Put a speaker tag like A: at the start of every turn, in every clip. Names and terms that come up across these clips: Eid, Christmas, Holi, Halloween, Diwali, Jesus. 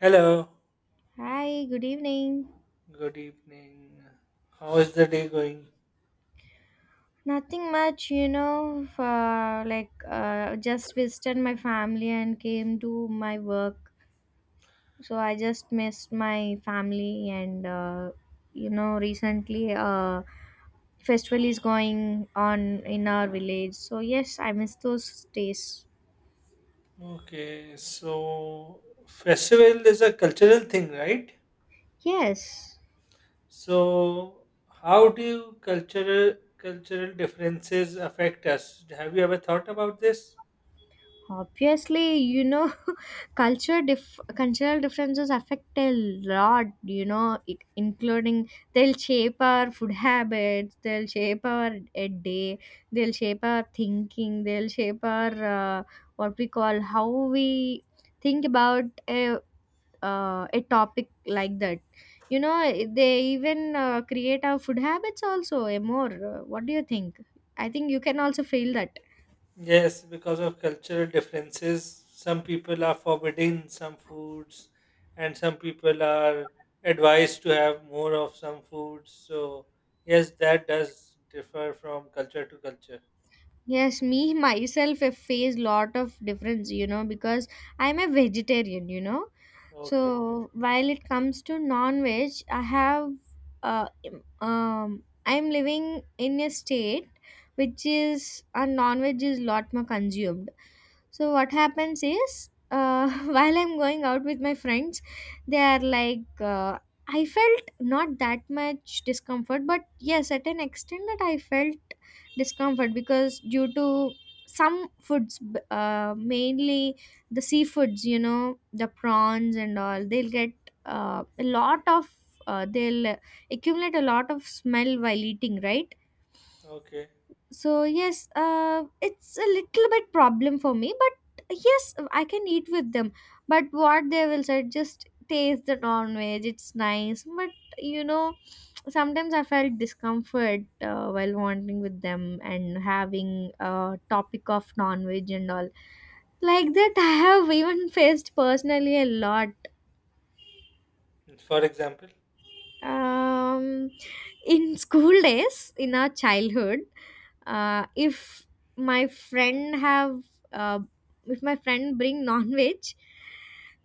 A: Hello,
B: Hi, good evening.
A: good evening. How is the day going?
B: Nothing much, like just visited my family and came to my work. So I just missed my family, and recently festival is going on in our village. So yes, I miss those days.
A: Okay, so festival is a cultural thing, right?
B: Yes.
A: So how do cultural differences affect us? Have you ever thought about this?
B: Obviously, cultural differences affect a lot, including they'll shape our food habits, they'll shape our a day, they'll shape our thinking, they'll shape our uh, what we call how we think about a topic like that. They even create our food habits also, a more. What do you think? I think you can also feel that.
A: Yes, because of cultural differences, some people are forbidding some foods, and some people are advised to have more of some foods. So yes, that does differ from culture to culture.
B: Yes, me myself have faced lot of difference, because I'm a vegetarian.
A: Okay,
B: So while it comes to non-veg, uh, im- I'm living in a state which is a non-veg is lot more consumed. So what happens is, while I'm going out with my friends, they are like, I felt not that much discomfort, but yes, at an extent that I felt discomfort because due to some foods, mainly the seafoods, the prawns and all, they'll get a lot of, they'll accumulate a lot of smell while eating, right?
A: okay.
B: So yes, it's a little bit problem for me, but yes, I can eat with them. But what they will say, just taste the non veg, it's nice. But you know sometimes I felt discomfort while wandering with them and having a topic of non veg and all. Like that, I have even faced personally a lot.
A: For example,
B: um in school days in our childhood, if my friend have uh, if my friend bring non-veg,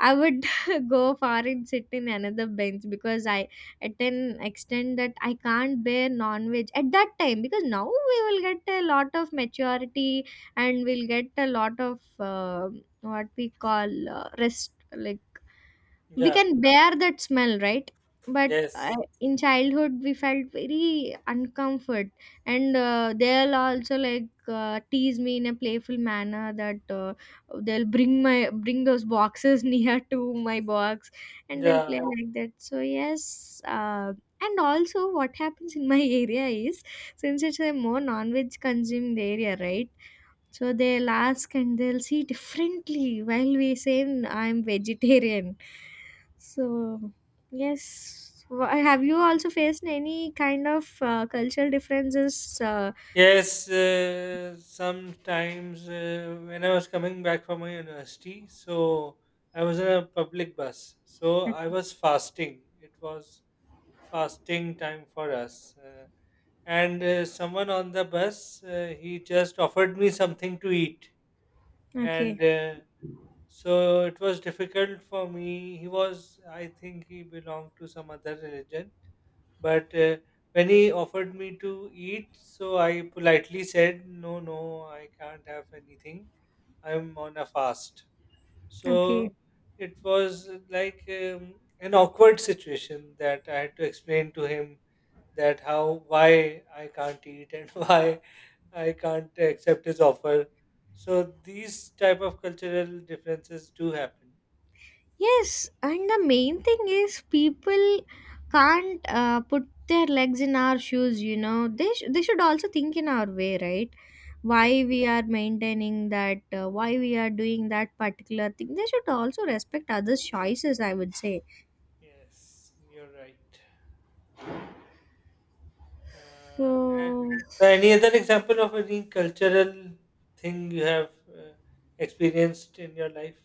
B: I would go far and sit in another bench, because I, at an extent that I can't bear non-veg at that time. Because now we will get a lot of maturity, and we'll get a lot of what we call rest, like we
A: yeah,
B: can bear that smell, right? But
A: yes,
B: in childhood, we felt very uncomfort. And they'll also like tease me in a playful manner, that they'll bring those boxes near to my box, and they'll
A: yeah,
B: play like that. So yes, and also what happens in my area is, since it's a more non-veg consuming area, right, so they'll ask and they'll see differently while we say I'm vegetarian. So, yes. Have you also faced any kind of cultural differences? Uh,
A: yes. Sometimes when I was coming back from my university, so I was in a public bus, so I was fasting. It was fasting time for us, and someone on the bus he just offered me something to eat, and
B: okay,
A: so it was difficult for me. He was, I think, he belonged to some other religion. But when he offered me to eat, so I politely said, "No, no, I can't have anything. I'm on a fast."
B: okay.
A: So it was like an awkward situation that I had to explain to him that how, why I can't eat and why I can't accept his offer. So these type of cultural differences do happen.
B: Yes, and the main thing is people can't put their legs in our shoes. They should also think in our way, right?
A: Yeah.
B: Why we are maintaining that, why we are doing that particular thing. They should also respect others' choices, I would say.
A: Yes, you're right. Uh, a-
B: So,
A: so any other example of any cultural thing you have experienced in your life?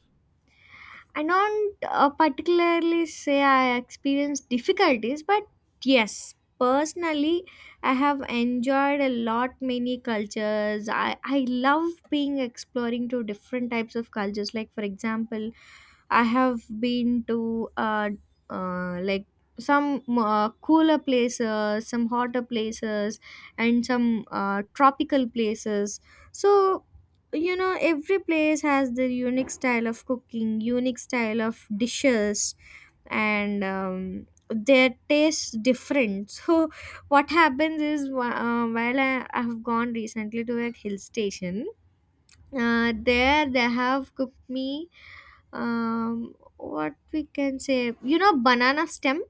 B: I don't particularly say I experienced difficulties, but yes, personally, I have enjoyed a lot many cultures. I love being exploring to different types of cultures. Like for example, I have been to like some cooler places, some hotter places, and some tropical places. So, every place has their unique style of cooking, unique style of dishes, and their taste different. So what happens is, while I have gone recently to a hill station. There they have cooked me what we can say, banana stem.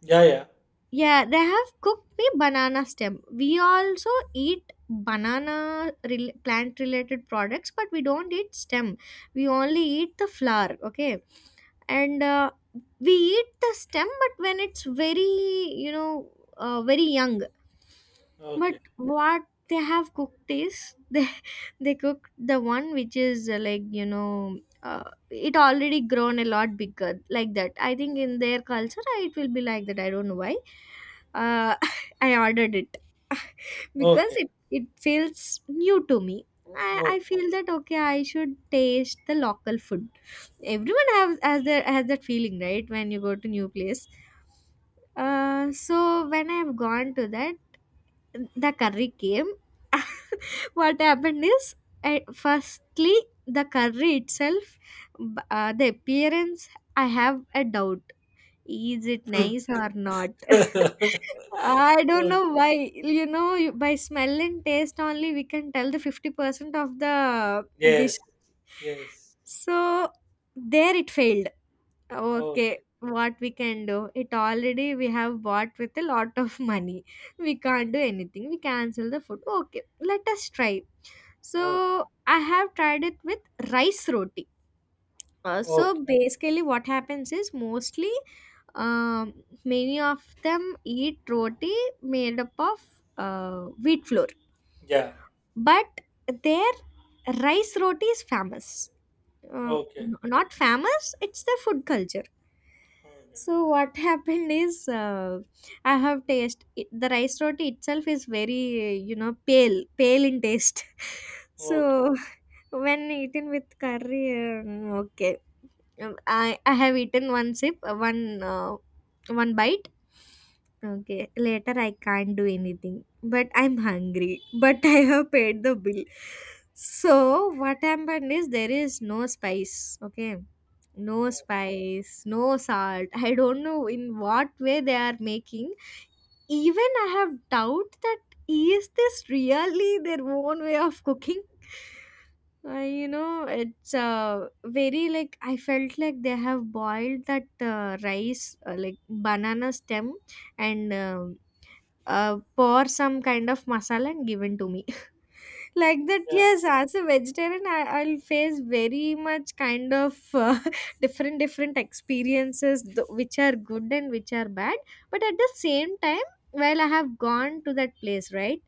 A: Yeah, yeah.
B: Yeah, they have cooked the banana stem. We also eat banana plant related products, but we don't eat stem. We only eat the flower, okay? And we eat the stem, but when it's very, very young. But
A: Okay.
B: what they have cooked is, they cooked the one which is like, it already grown a lot bigger, like that. I think in their culture, it will be like that. I don't know why. Uh, I ordered it because
A: Okay.
B: it feels new to me. I
A: Okay.
B: feel that okay, I should taste the local food. Everyone has their has that feeling, right, when you go to new place. So when I've gone to that, the curry came. What happened is, firstly the curry itself, the appearance, I have a doubt, is it nice or not? I don't
A: Okay.
B: know why. By smell and taste only, we can tell the 50% of the dish.
A: Yes. Yes.
B: So there it failed. Okay,
A: Okay.
B: what we can do? It already we have bought with a lot of money. We can't do anything. We cancel the food. Okay, let us try.
A: Okay.
B: So I have tried it with rice roti. So
A: Okay.
B: basically, what happens is, mostly um, many of them eat roti made up of wheat flour,
A: Yeah.
B: but their rice roti is famous. uh,
A: Okay.
B: Not famous, it's the food culture.
A: Okay.
B: So what happened is, uh, I have taste it, the rice roti itself is very, pale pale in taste.
A: Okay.
B: So when eaten with curry, okay. I have eaten one sip, one bite. Okay, later I can't do anything, but I'm hungry. But I have paid the bill. So what happened is, there is no spice. Okay, no spice, no salt. I don't know in what way they are making. Even I have doubt that, is this really their own way of cooking? It's very, like I felt like they have boiled that rice, like banana stem, and pour some kind of masala and given to me, like that.
A: Yeah.
B: Yes, as a vegetarian, I'll face very much kind of different different experiences, which are good and which are bad. But at the same time, while I have gone to that place, right,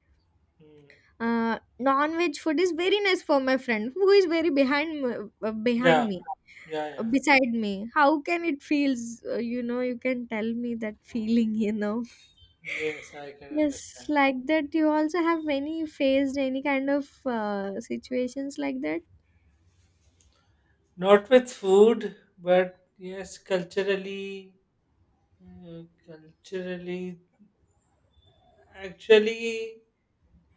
A: Mm.
B: non-veg food is very nice for my friend who is very behind behind
A: Yeah.
B: me,
A: Yeah. Yeah.
B: beside me. How can it feels? You can tell me that feeling. you know
A: Yes, I can
B: yes
A: understand.
B: like that, you also have any faced any kind of situations like that?
A: Not with food, but yes, culturally. Culturally, actually,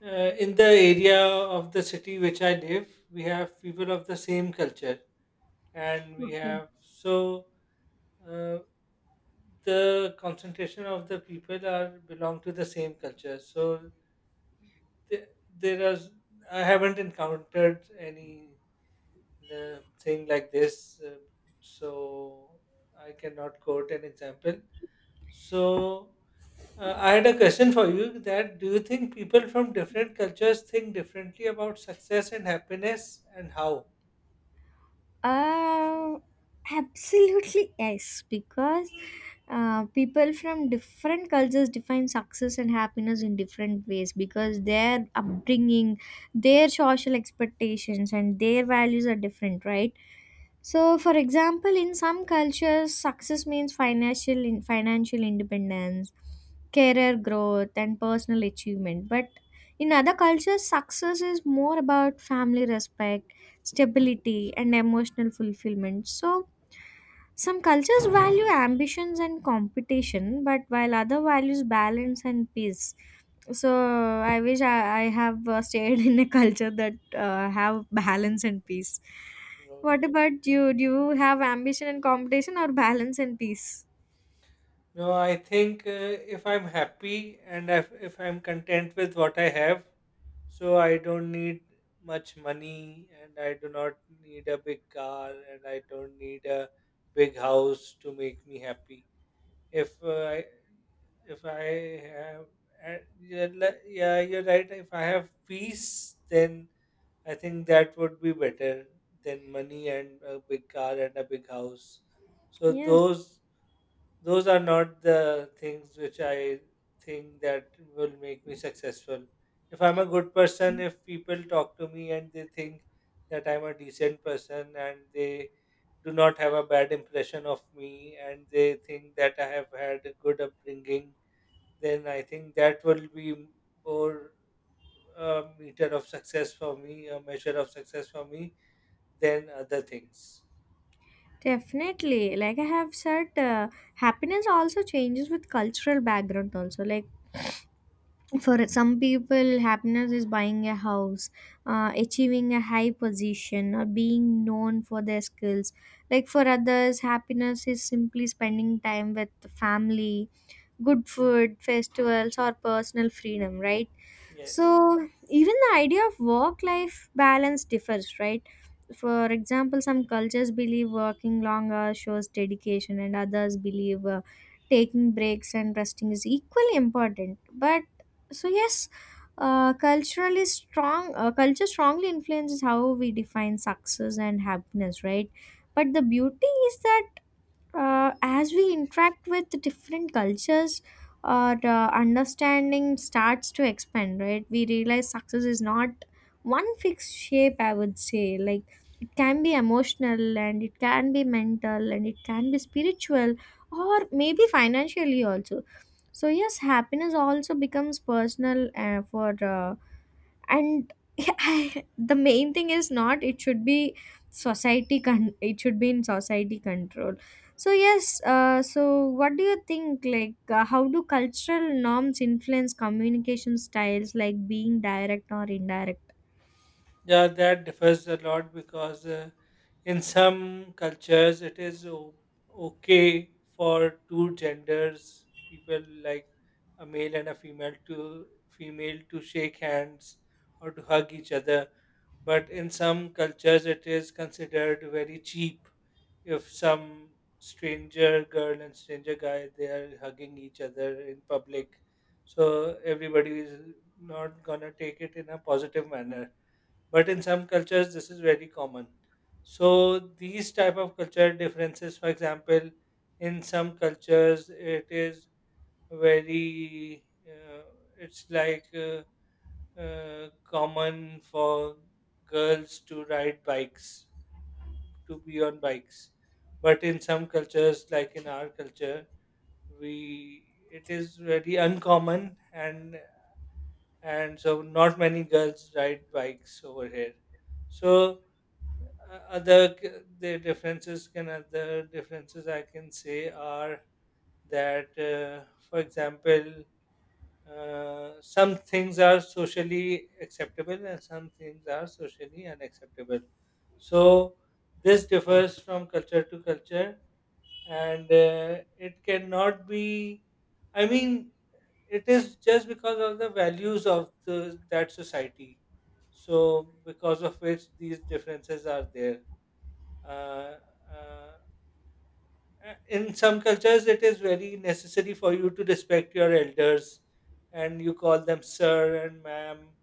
A: uh, in the area of the city which I live, we have people of the same culture, and we
B: Okay.
A: have so uh, the concentration of the people are belong to the same culture. So there, there is I haven't encountered any thing like this, so I cannot quote an example. So, I had a question for you that do you think people from different cultures think differently about success and happiness and how?
B: Uh, Absolutely yes, because people from different cultures define success and happiness in different ways, because their upbringing, their social expectations, and their values are different, right? So, for example, in some cultures, success means financial independence, career growth, and personal achievement. But in other cultures, success is more about family respect, stability, and emotional fulfillment. So, some cultures value ambitions and competition, but while other values balance and peace. So I wish I have stayed in a culture that have balance and peace. What
A: Okay.
B: about you? Do you have ambition and competition or balance and peace?
A: No, I think if I'm happy and if I'm content with what I have, so I don't need much money and I do not need a big car and I don't need a big house to make me happy. if uh, I if I have yeah, yeah, you're right. If I have peace, then I think that would be better than money and a big car and a big house. So
B: Yes.
A: those are not the things which I think that will make me successful. If I'm a good person, if people talk to me and they think that I'm a decent person and they do not have a bad impression of me and they think that I have had a good upbringing, then I think that will be more a meter of success for me, a measure of success for me than other things.
B: Definitely. Like I have said, happiness also changes with cultural background also. Like for some people, happiness is buying a house, achieving a high position, or being known for their skills. Like for others, happiness is simply spending time with family, good food, festivals, or personal freedom, right?
A: Yes.
B: So, even the idea of work life balance differs, right? For example, some cultures believe working longer shows dedication, and others believe taking breaks and resting is equally important. But, so yes. Culturally strong Culture strongly influences how we define success and happiness, right? But the beauty is that, as we interact with the different cultures, our understanding starts to expand, right? We realize success is not one fixed shape, I would say. Like, it can be emotional, and it can be mental, and it can be spiritual, or maybe financially also. So yes, happiness also becomes personal, for and the main thing is not it should be it should be in society control. So yes, so what do you think, like, how do cultural norms influence communication styles, like being direct or indirect?
A: Yeah, that differs a lot because in some cultures it is okay for two genders, people like a male and a female to female to shake hands or to hug each other. But in some cultures it is considered very cheap if some stranger girl and stranger guy they are hugging each other in public. So everybody is not gonna take it in a positive manner, but in some cultures this is very common. So these type of cultural differences, for example, in some cultures it is very uh, it's like common for girls to ride bikes, to be on bikes, but in some cultures like in our culture, we it is very uncommon, and so not many girls ride bikes over here. So uh, other c- other differences I can say are that for example, some things are socially acceptable and some things are socially unacceptable. So this differs from culture to culture, and it cannot be, I mean, it is just because of the values of that society. So because of which these differences are there. uh, uh, in some cultures it is very necessary for you to respect your elders and you call them sir and ma'am,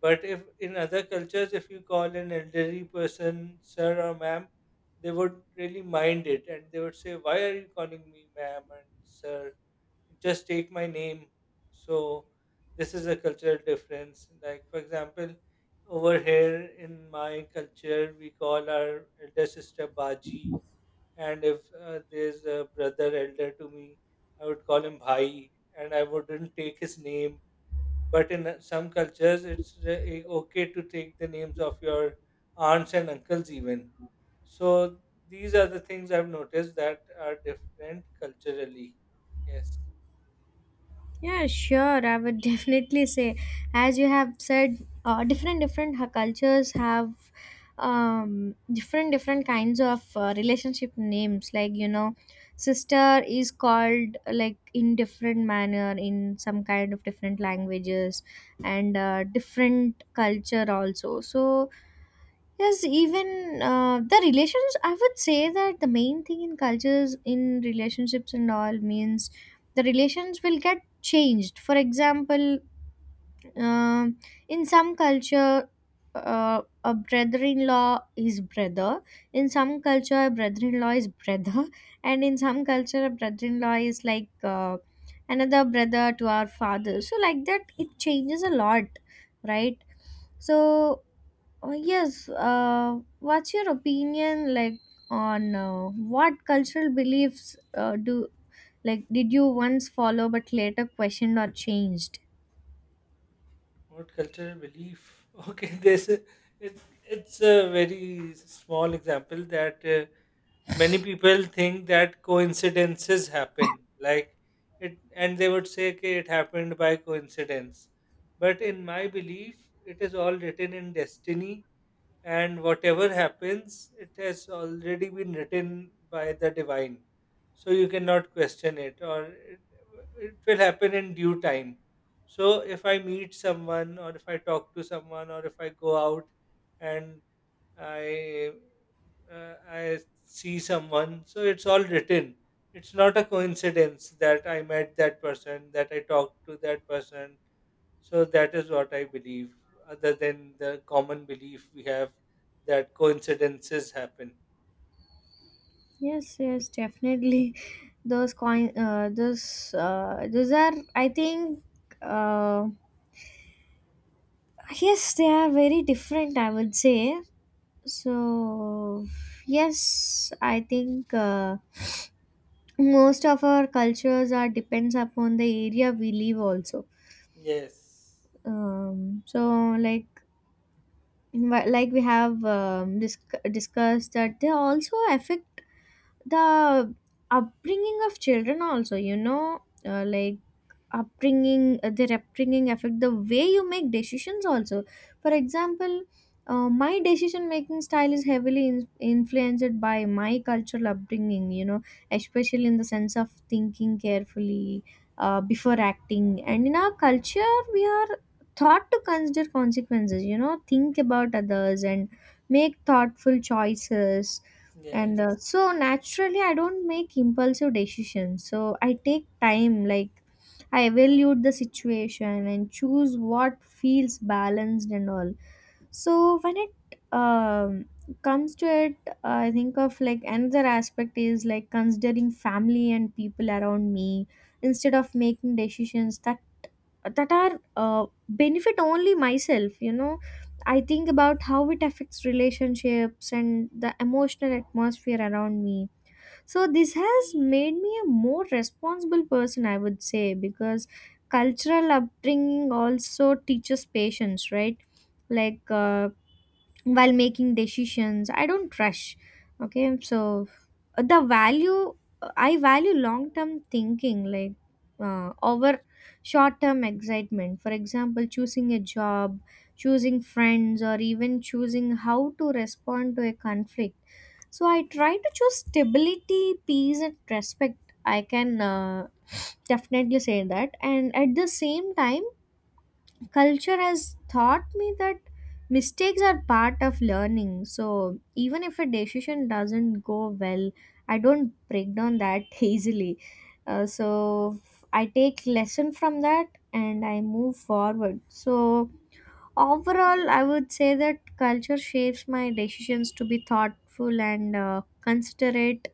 A: but if in other cultures if you call an elderly person sir or ma'am, they would really mind it and they would say, why are you calling me ma'am and sir, just take my name. So this is a cultural difference, like, for example, over here in my culture we call our elder sister baji, and if there's a brother elder to me, I would call him Bhai, and I wouldn't take his name. But in some cultures, it's okay to take the names of your aunts and uncles, even. So these are the things I've noticed that are different culturally. Yes.
B: Yeah, sure. I would definitely say, as you have said, different different cultures have different different kinds of relationship names. Like, sister is called like, in different manner, in some kind of different languages, and different culture also. So, yes, even the relations, I would say, that the main thing in cultures, in relationships and all, means the relations will get changed. For example, um in some culture, a brother in law is brother, in some culture, a brother in law is brother, and in some culture, a brother in law is like, another brother to our father. So, like that, it changes a lot, right? So, oh, yes. What's your opinion, like, on what cultural beliefs do like did you once follow but later questioned or changed?
A: What cultural belief? Okay, this is- it's it's a very small example that many people think that coincidences happen like it, and they would say, okay, it happened by coincidence, but in my belief it is all written in destiny, and whatever happens it has already been written by the divine. So you cannot question it, or it will happen in due time. So if I meet someone or if I talk to someone or if I go out and I I see someone. So it's all written. It's not a coincidence that I met that person, that I talked to that person. So that is what I believe, other than the common belief we have that coincidences happen.
B: Yes, yes, definitely. Those coin, those are, I think, uh, yes, they are very different, I would say so. Yes, I think most of our cultures are depends upon the area we live also.
A: Yes.
B: Um so like wha- like we have discussed that they also affect the upbringing of children also, you know. Like upbringing their upbringing affect the way you make decisions also. For example, my decision making style is heavily influenced by my cultural upbringing, you know, especially in the sense of thinking carefully before acting, and in our culture we are taught to consider consequences, you know, think about others and make thoughtful choices. And
A: Yes.
B: so naturally I don't make impulsive decisions, so I take time, like I evaluate the situation and choose what feels balanced and all. So when it um, comes to it, I think of, like, another aspect is like considering family and people around me instead of making decisions that are benefit only myself, you know. I think about how it affects relationships and the emotional atmosphere around me. So this has made me a more responsible person, I would say, because cultural upbringing also teaches patience, right? Like, while making decisions I don't rush. Okay, so the value, I value long term thinking, like over short term excitement. For example, choosing a job, choosing friends, or even choosing how to respond to a conflict. So I try to choose stability, peace and respect, I can definitely say that. And at the same time, culture has taught me that mistakes are part of learning, so even if a decision doesn't go well, I don't break down that easily. I take lesson from that and I move forward. So overall, I would say that culture shapes my decisions to be thoughtful and, considerate,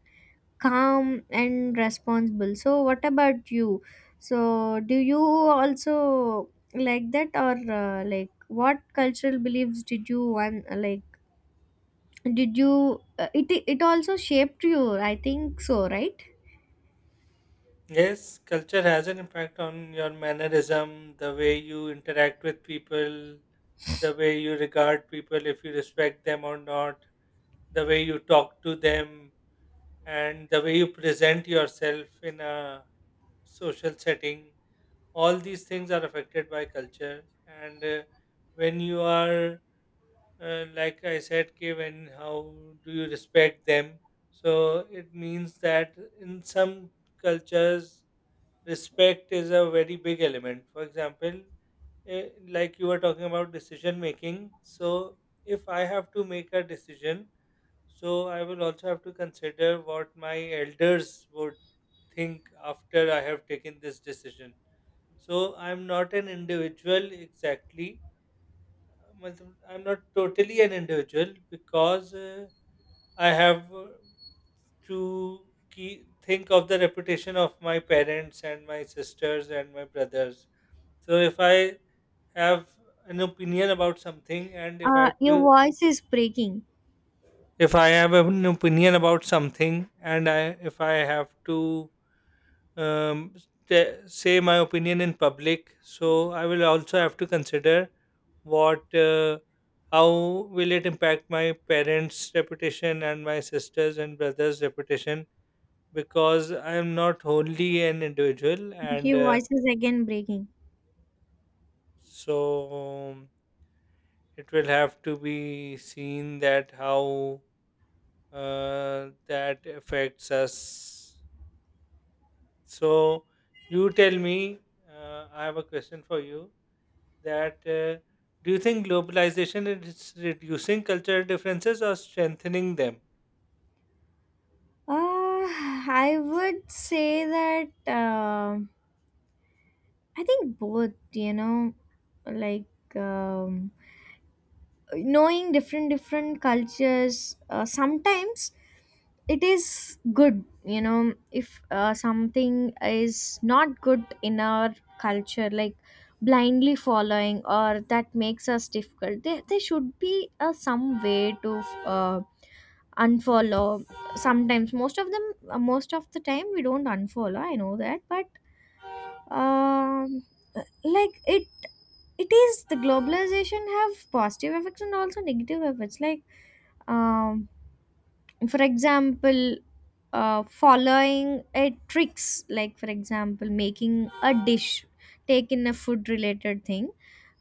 B: calm and responsible. So what about you? So do you also like that, or like what cultural beliefs did you want, like did you, it it also shaped you? I think so, right?
A: Yes, culture has an impact on your mannerism, the way you interact with people, the way you regard people, if you respect them or not, the way you talk to them, and the way you present yourself in a social setting. All these things are affected by culture, and when you are like I said ki when how do you respect them. So it means that in some cultures respect is a very big element. For example, like you were talking about decision making, so if I have to make a decision, so I will also have to consider what my elders would think after I have taken this decision. So I'm not an individual exactly. मतलब I'm not totally an individual because I have to key, think of the reputation of my parents and my sisters and my brothers. So if I have an opinion about something and if I
B: Uh,
A: have
B: your
A: to
B: voice is breaking.
A: if I have an opinion about something and I if I have to um, say my opinion in public. So I will also have to consider what, how will it impact my parents' reputation and my sisters and brothers' reputation because I am not only an individual, and
B: Your voice is again breaking.
A: so it will have to be seen that how that affects us. So you tell me. I have a question for you that do you think globalization is reducing cultural differences or strengthening them?
B: uh I would say that, I think both, you know. Like, knowing different cultures, sometimes it is good, you know. If something is not good in our culture, like blindly following, or that makes us difficult, there should be some way to uh, unfollow. Sometimes most of them, most of the time we don't unfollow, I know that, but um like it is the globalization have positive effects and also negative effects, like, um for example, following a tricks, like for example making a dish, taking a food related thing,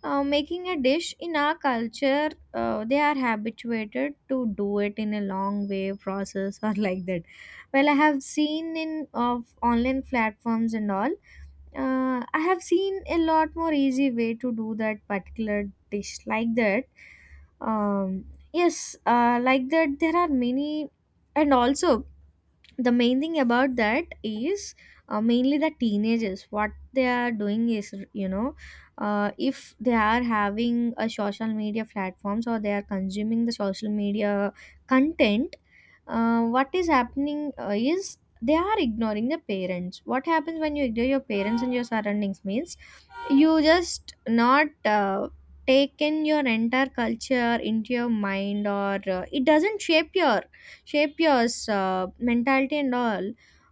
B: making a dish in our culture, they are habituated to do it in a long way process or like that. Well, I have seen in of online platforms and all, I have seen a lot more easy way to do that particular dish like that. Um, yes, like that there are many, and also the main thing about that is, mainly the teenagers, what they are doing is, you know, if they are having a social media platforms, or they are consuming the social media content, what is happening, is they are ignoring the parents. What happens when you ignore your parents and your surroundings means you just not take in your entire culture into your mind, or it doesn't shape your mentality and all.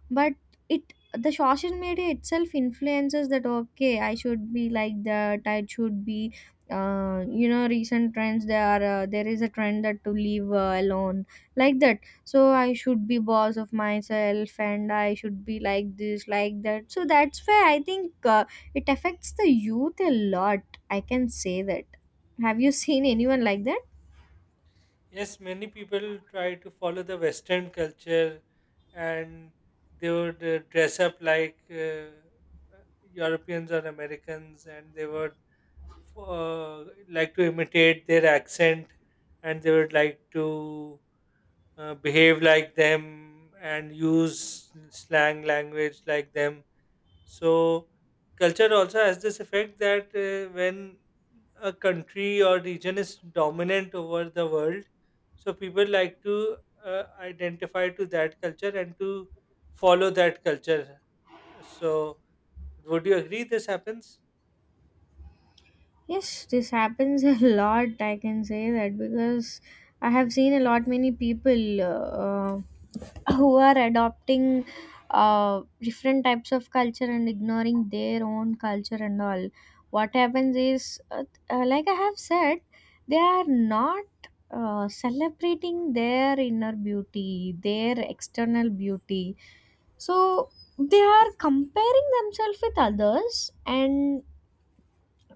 B: But it, the social media itself influences that, okay I should be like that, I should be you know, recent trends, there are there is a trend that to leave alone, like that. So I should be boss of myself and I should be like this, like that. So that's why I think it affects the youth a lot, I can say that. Have you seen anyone like that?
A: Yes, many people try to follow the Western culture, and they would dress up like Europeans or Americans, and they would like to imitate their accent, and they would like to behave like them and use slang language like them. So culture also has this effect that when a country or region is dominant over the world, so people like to identify to that culture and to follow that culture. So would you agree this happens?
B: Yes, this happens a lot, I can say that, because I have seen a lot many people uh, who are adopting different types of culture and ignoring their own culture and all. What happens is, like I have said, they are not celebrating their inner beauty, their external beauty. So they are comparing themselves with others, and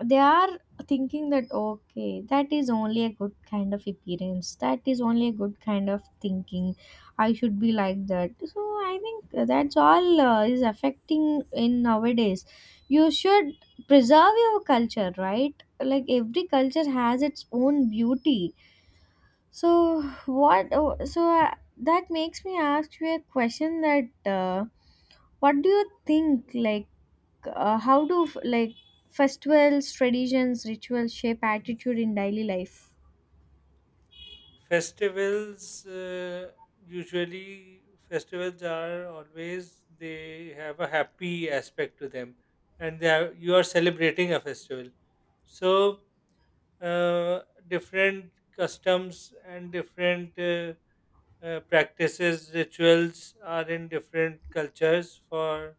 B: they are thinking that okay, that is only a good kind of appearance, that is only a good kind of thinking, I should be like that. So I think that's all is affecting in nowadays. You should preserve your culture, right? Like every culture has its own beauty. So, that makes me ask you a question that, what do you think, like how do like festivals, traditions, rituals shape attitude in daily life?
A: Festivals usually festivals are always they have a happy aspect to them, and they are, you are celebrating a festival. So uh, different customs and different practices, rituals are in different cultures for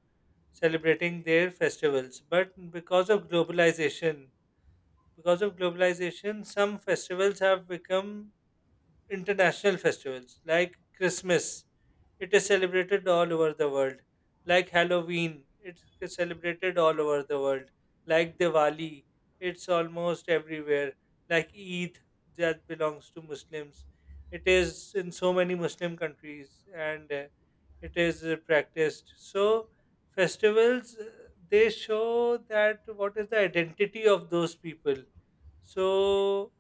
A: celebrating their festivals. But because of globalization, some festivals have become international festivals like Christmas. It is celebrated all over the world. Like Halloween, it's celebrated all over the world. Like Diwali, it's almost everywhere. Like Eid, that belongs to Muslims. It is in so many Muslim countries, and it is practiced. So, festivals, they show that what is the identity of those people. So,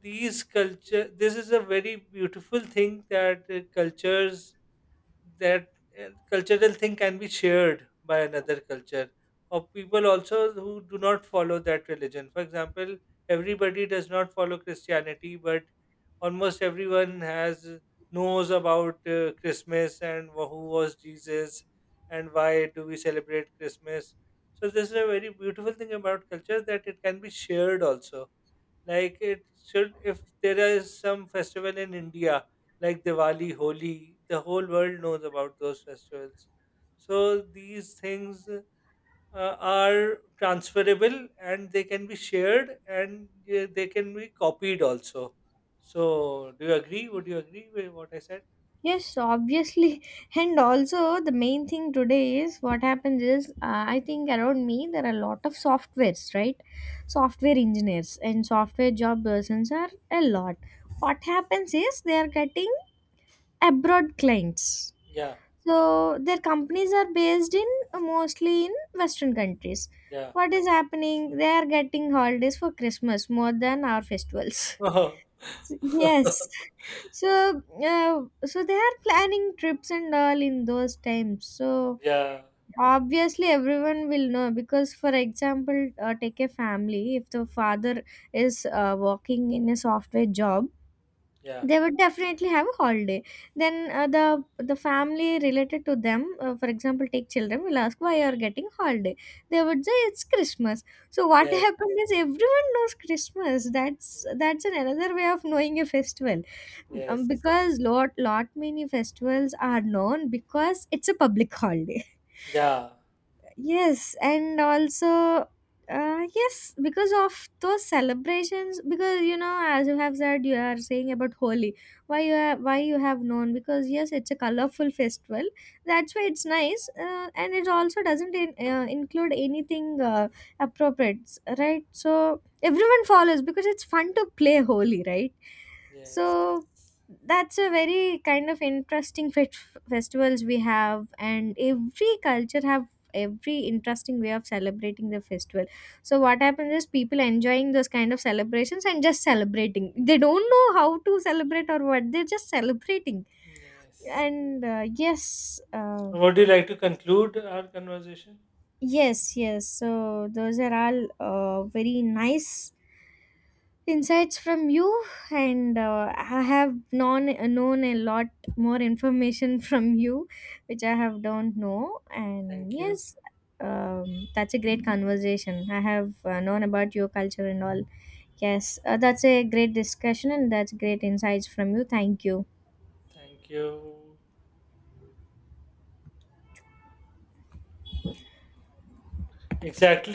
A: these culture this is a very beautiful thing that cultures that cultural thing can be shared by another culture or people also who do not follow that religion. For example, everybody does not follow Christianity, but almost everyone has knows about Christmas and who was Jesus and why do we celebrate Christmas. So this is a very beautiful thing about culture that it can be shared also, like it should. If there is some festival in India, like Diwali, Holi, the whole world knows about those festivals. So these things are transferable and they can be shared, and they can be copied also. So do you agree? Would you agree with what I said?
B: Yes, obviously. And also, the main thing today is, what happens is, I think around me there are a lot of softwares, right? Software engineers and software job persons are a lot. What happens is, they are getting abroad clients.
A: Yeah,
B: So their companies are based in, mostly in Western countries.
A: yeah.
B: What is happening? They are getting holidays for Christmas more than our festivals. Yes. So so they are planning trips and all in those times. So
A: Yeah,
B: obviously everyone will know, because for example, take a family, if the father is working in a software job,
A: yeah.
B: they would definitely have a holiday. Then the family related to them, for example, take children will ask why you are getting holiday. They would say it's Christmas. So what
A: Yes,
B: happened is, everyone knows Christmas. That's an another way of knowing a festival. Um,
A: yes.
B: because lot many festivals are known because it's a public holiday.
A: Yeah,
B: Yes, and also, yes, because of those celebrations, because, you know, as you have said, you are saying about Holi. Why you have known? Because yes, it's a colorful festival. That's why it's nice, and it also doesn't include anything appropriate, right? So everyone follows because it's fun to play Holi, right?
A: yes.
B: So that's a very kind of interesting fe- festivals we have, and every culture have every interesting way of celebrating the festival. So what happens is, people enjoying those kind of celebrations and just celebrating, they don't know how to celebrate or what they're just celebrating.
A: Yes.
B: And yes,
A: Would you like to conclude our conversation?
B: yes, yes, so those are all very nice insights from you, and I have known a lot more information from you, which I have don't know. And
A: Thank you.
B: yes, um, that's a great conversation. I have known about your culture and all. Yes, that's a great discussion, and that's great insights from you. Thank you.
A: Thank you. Exactly.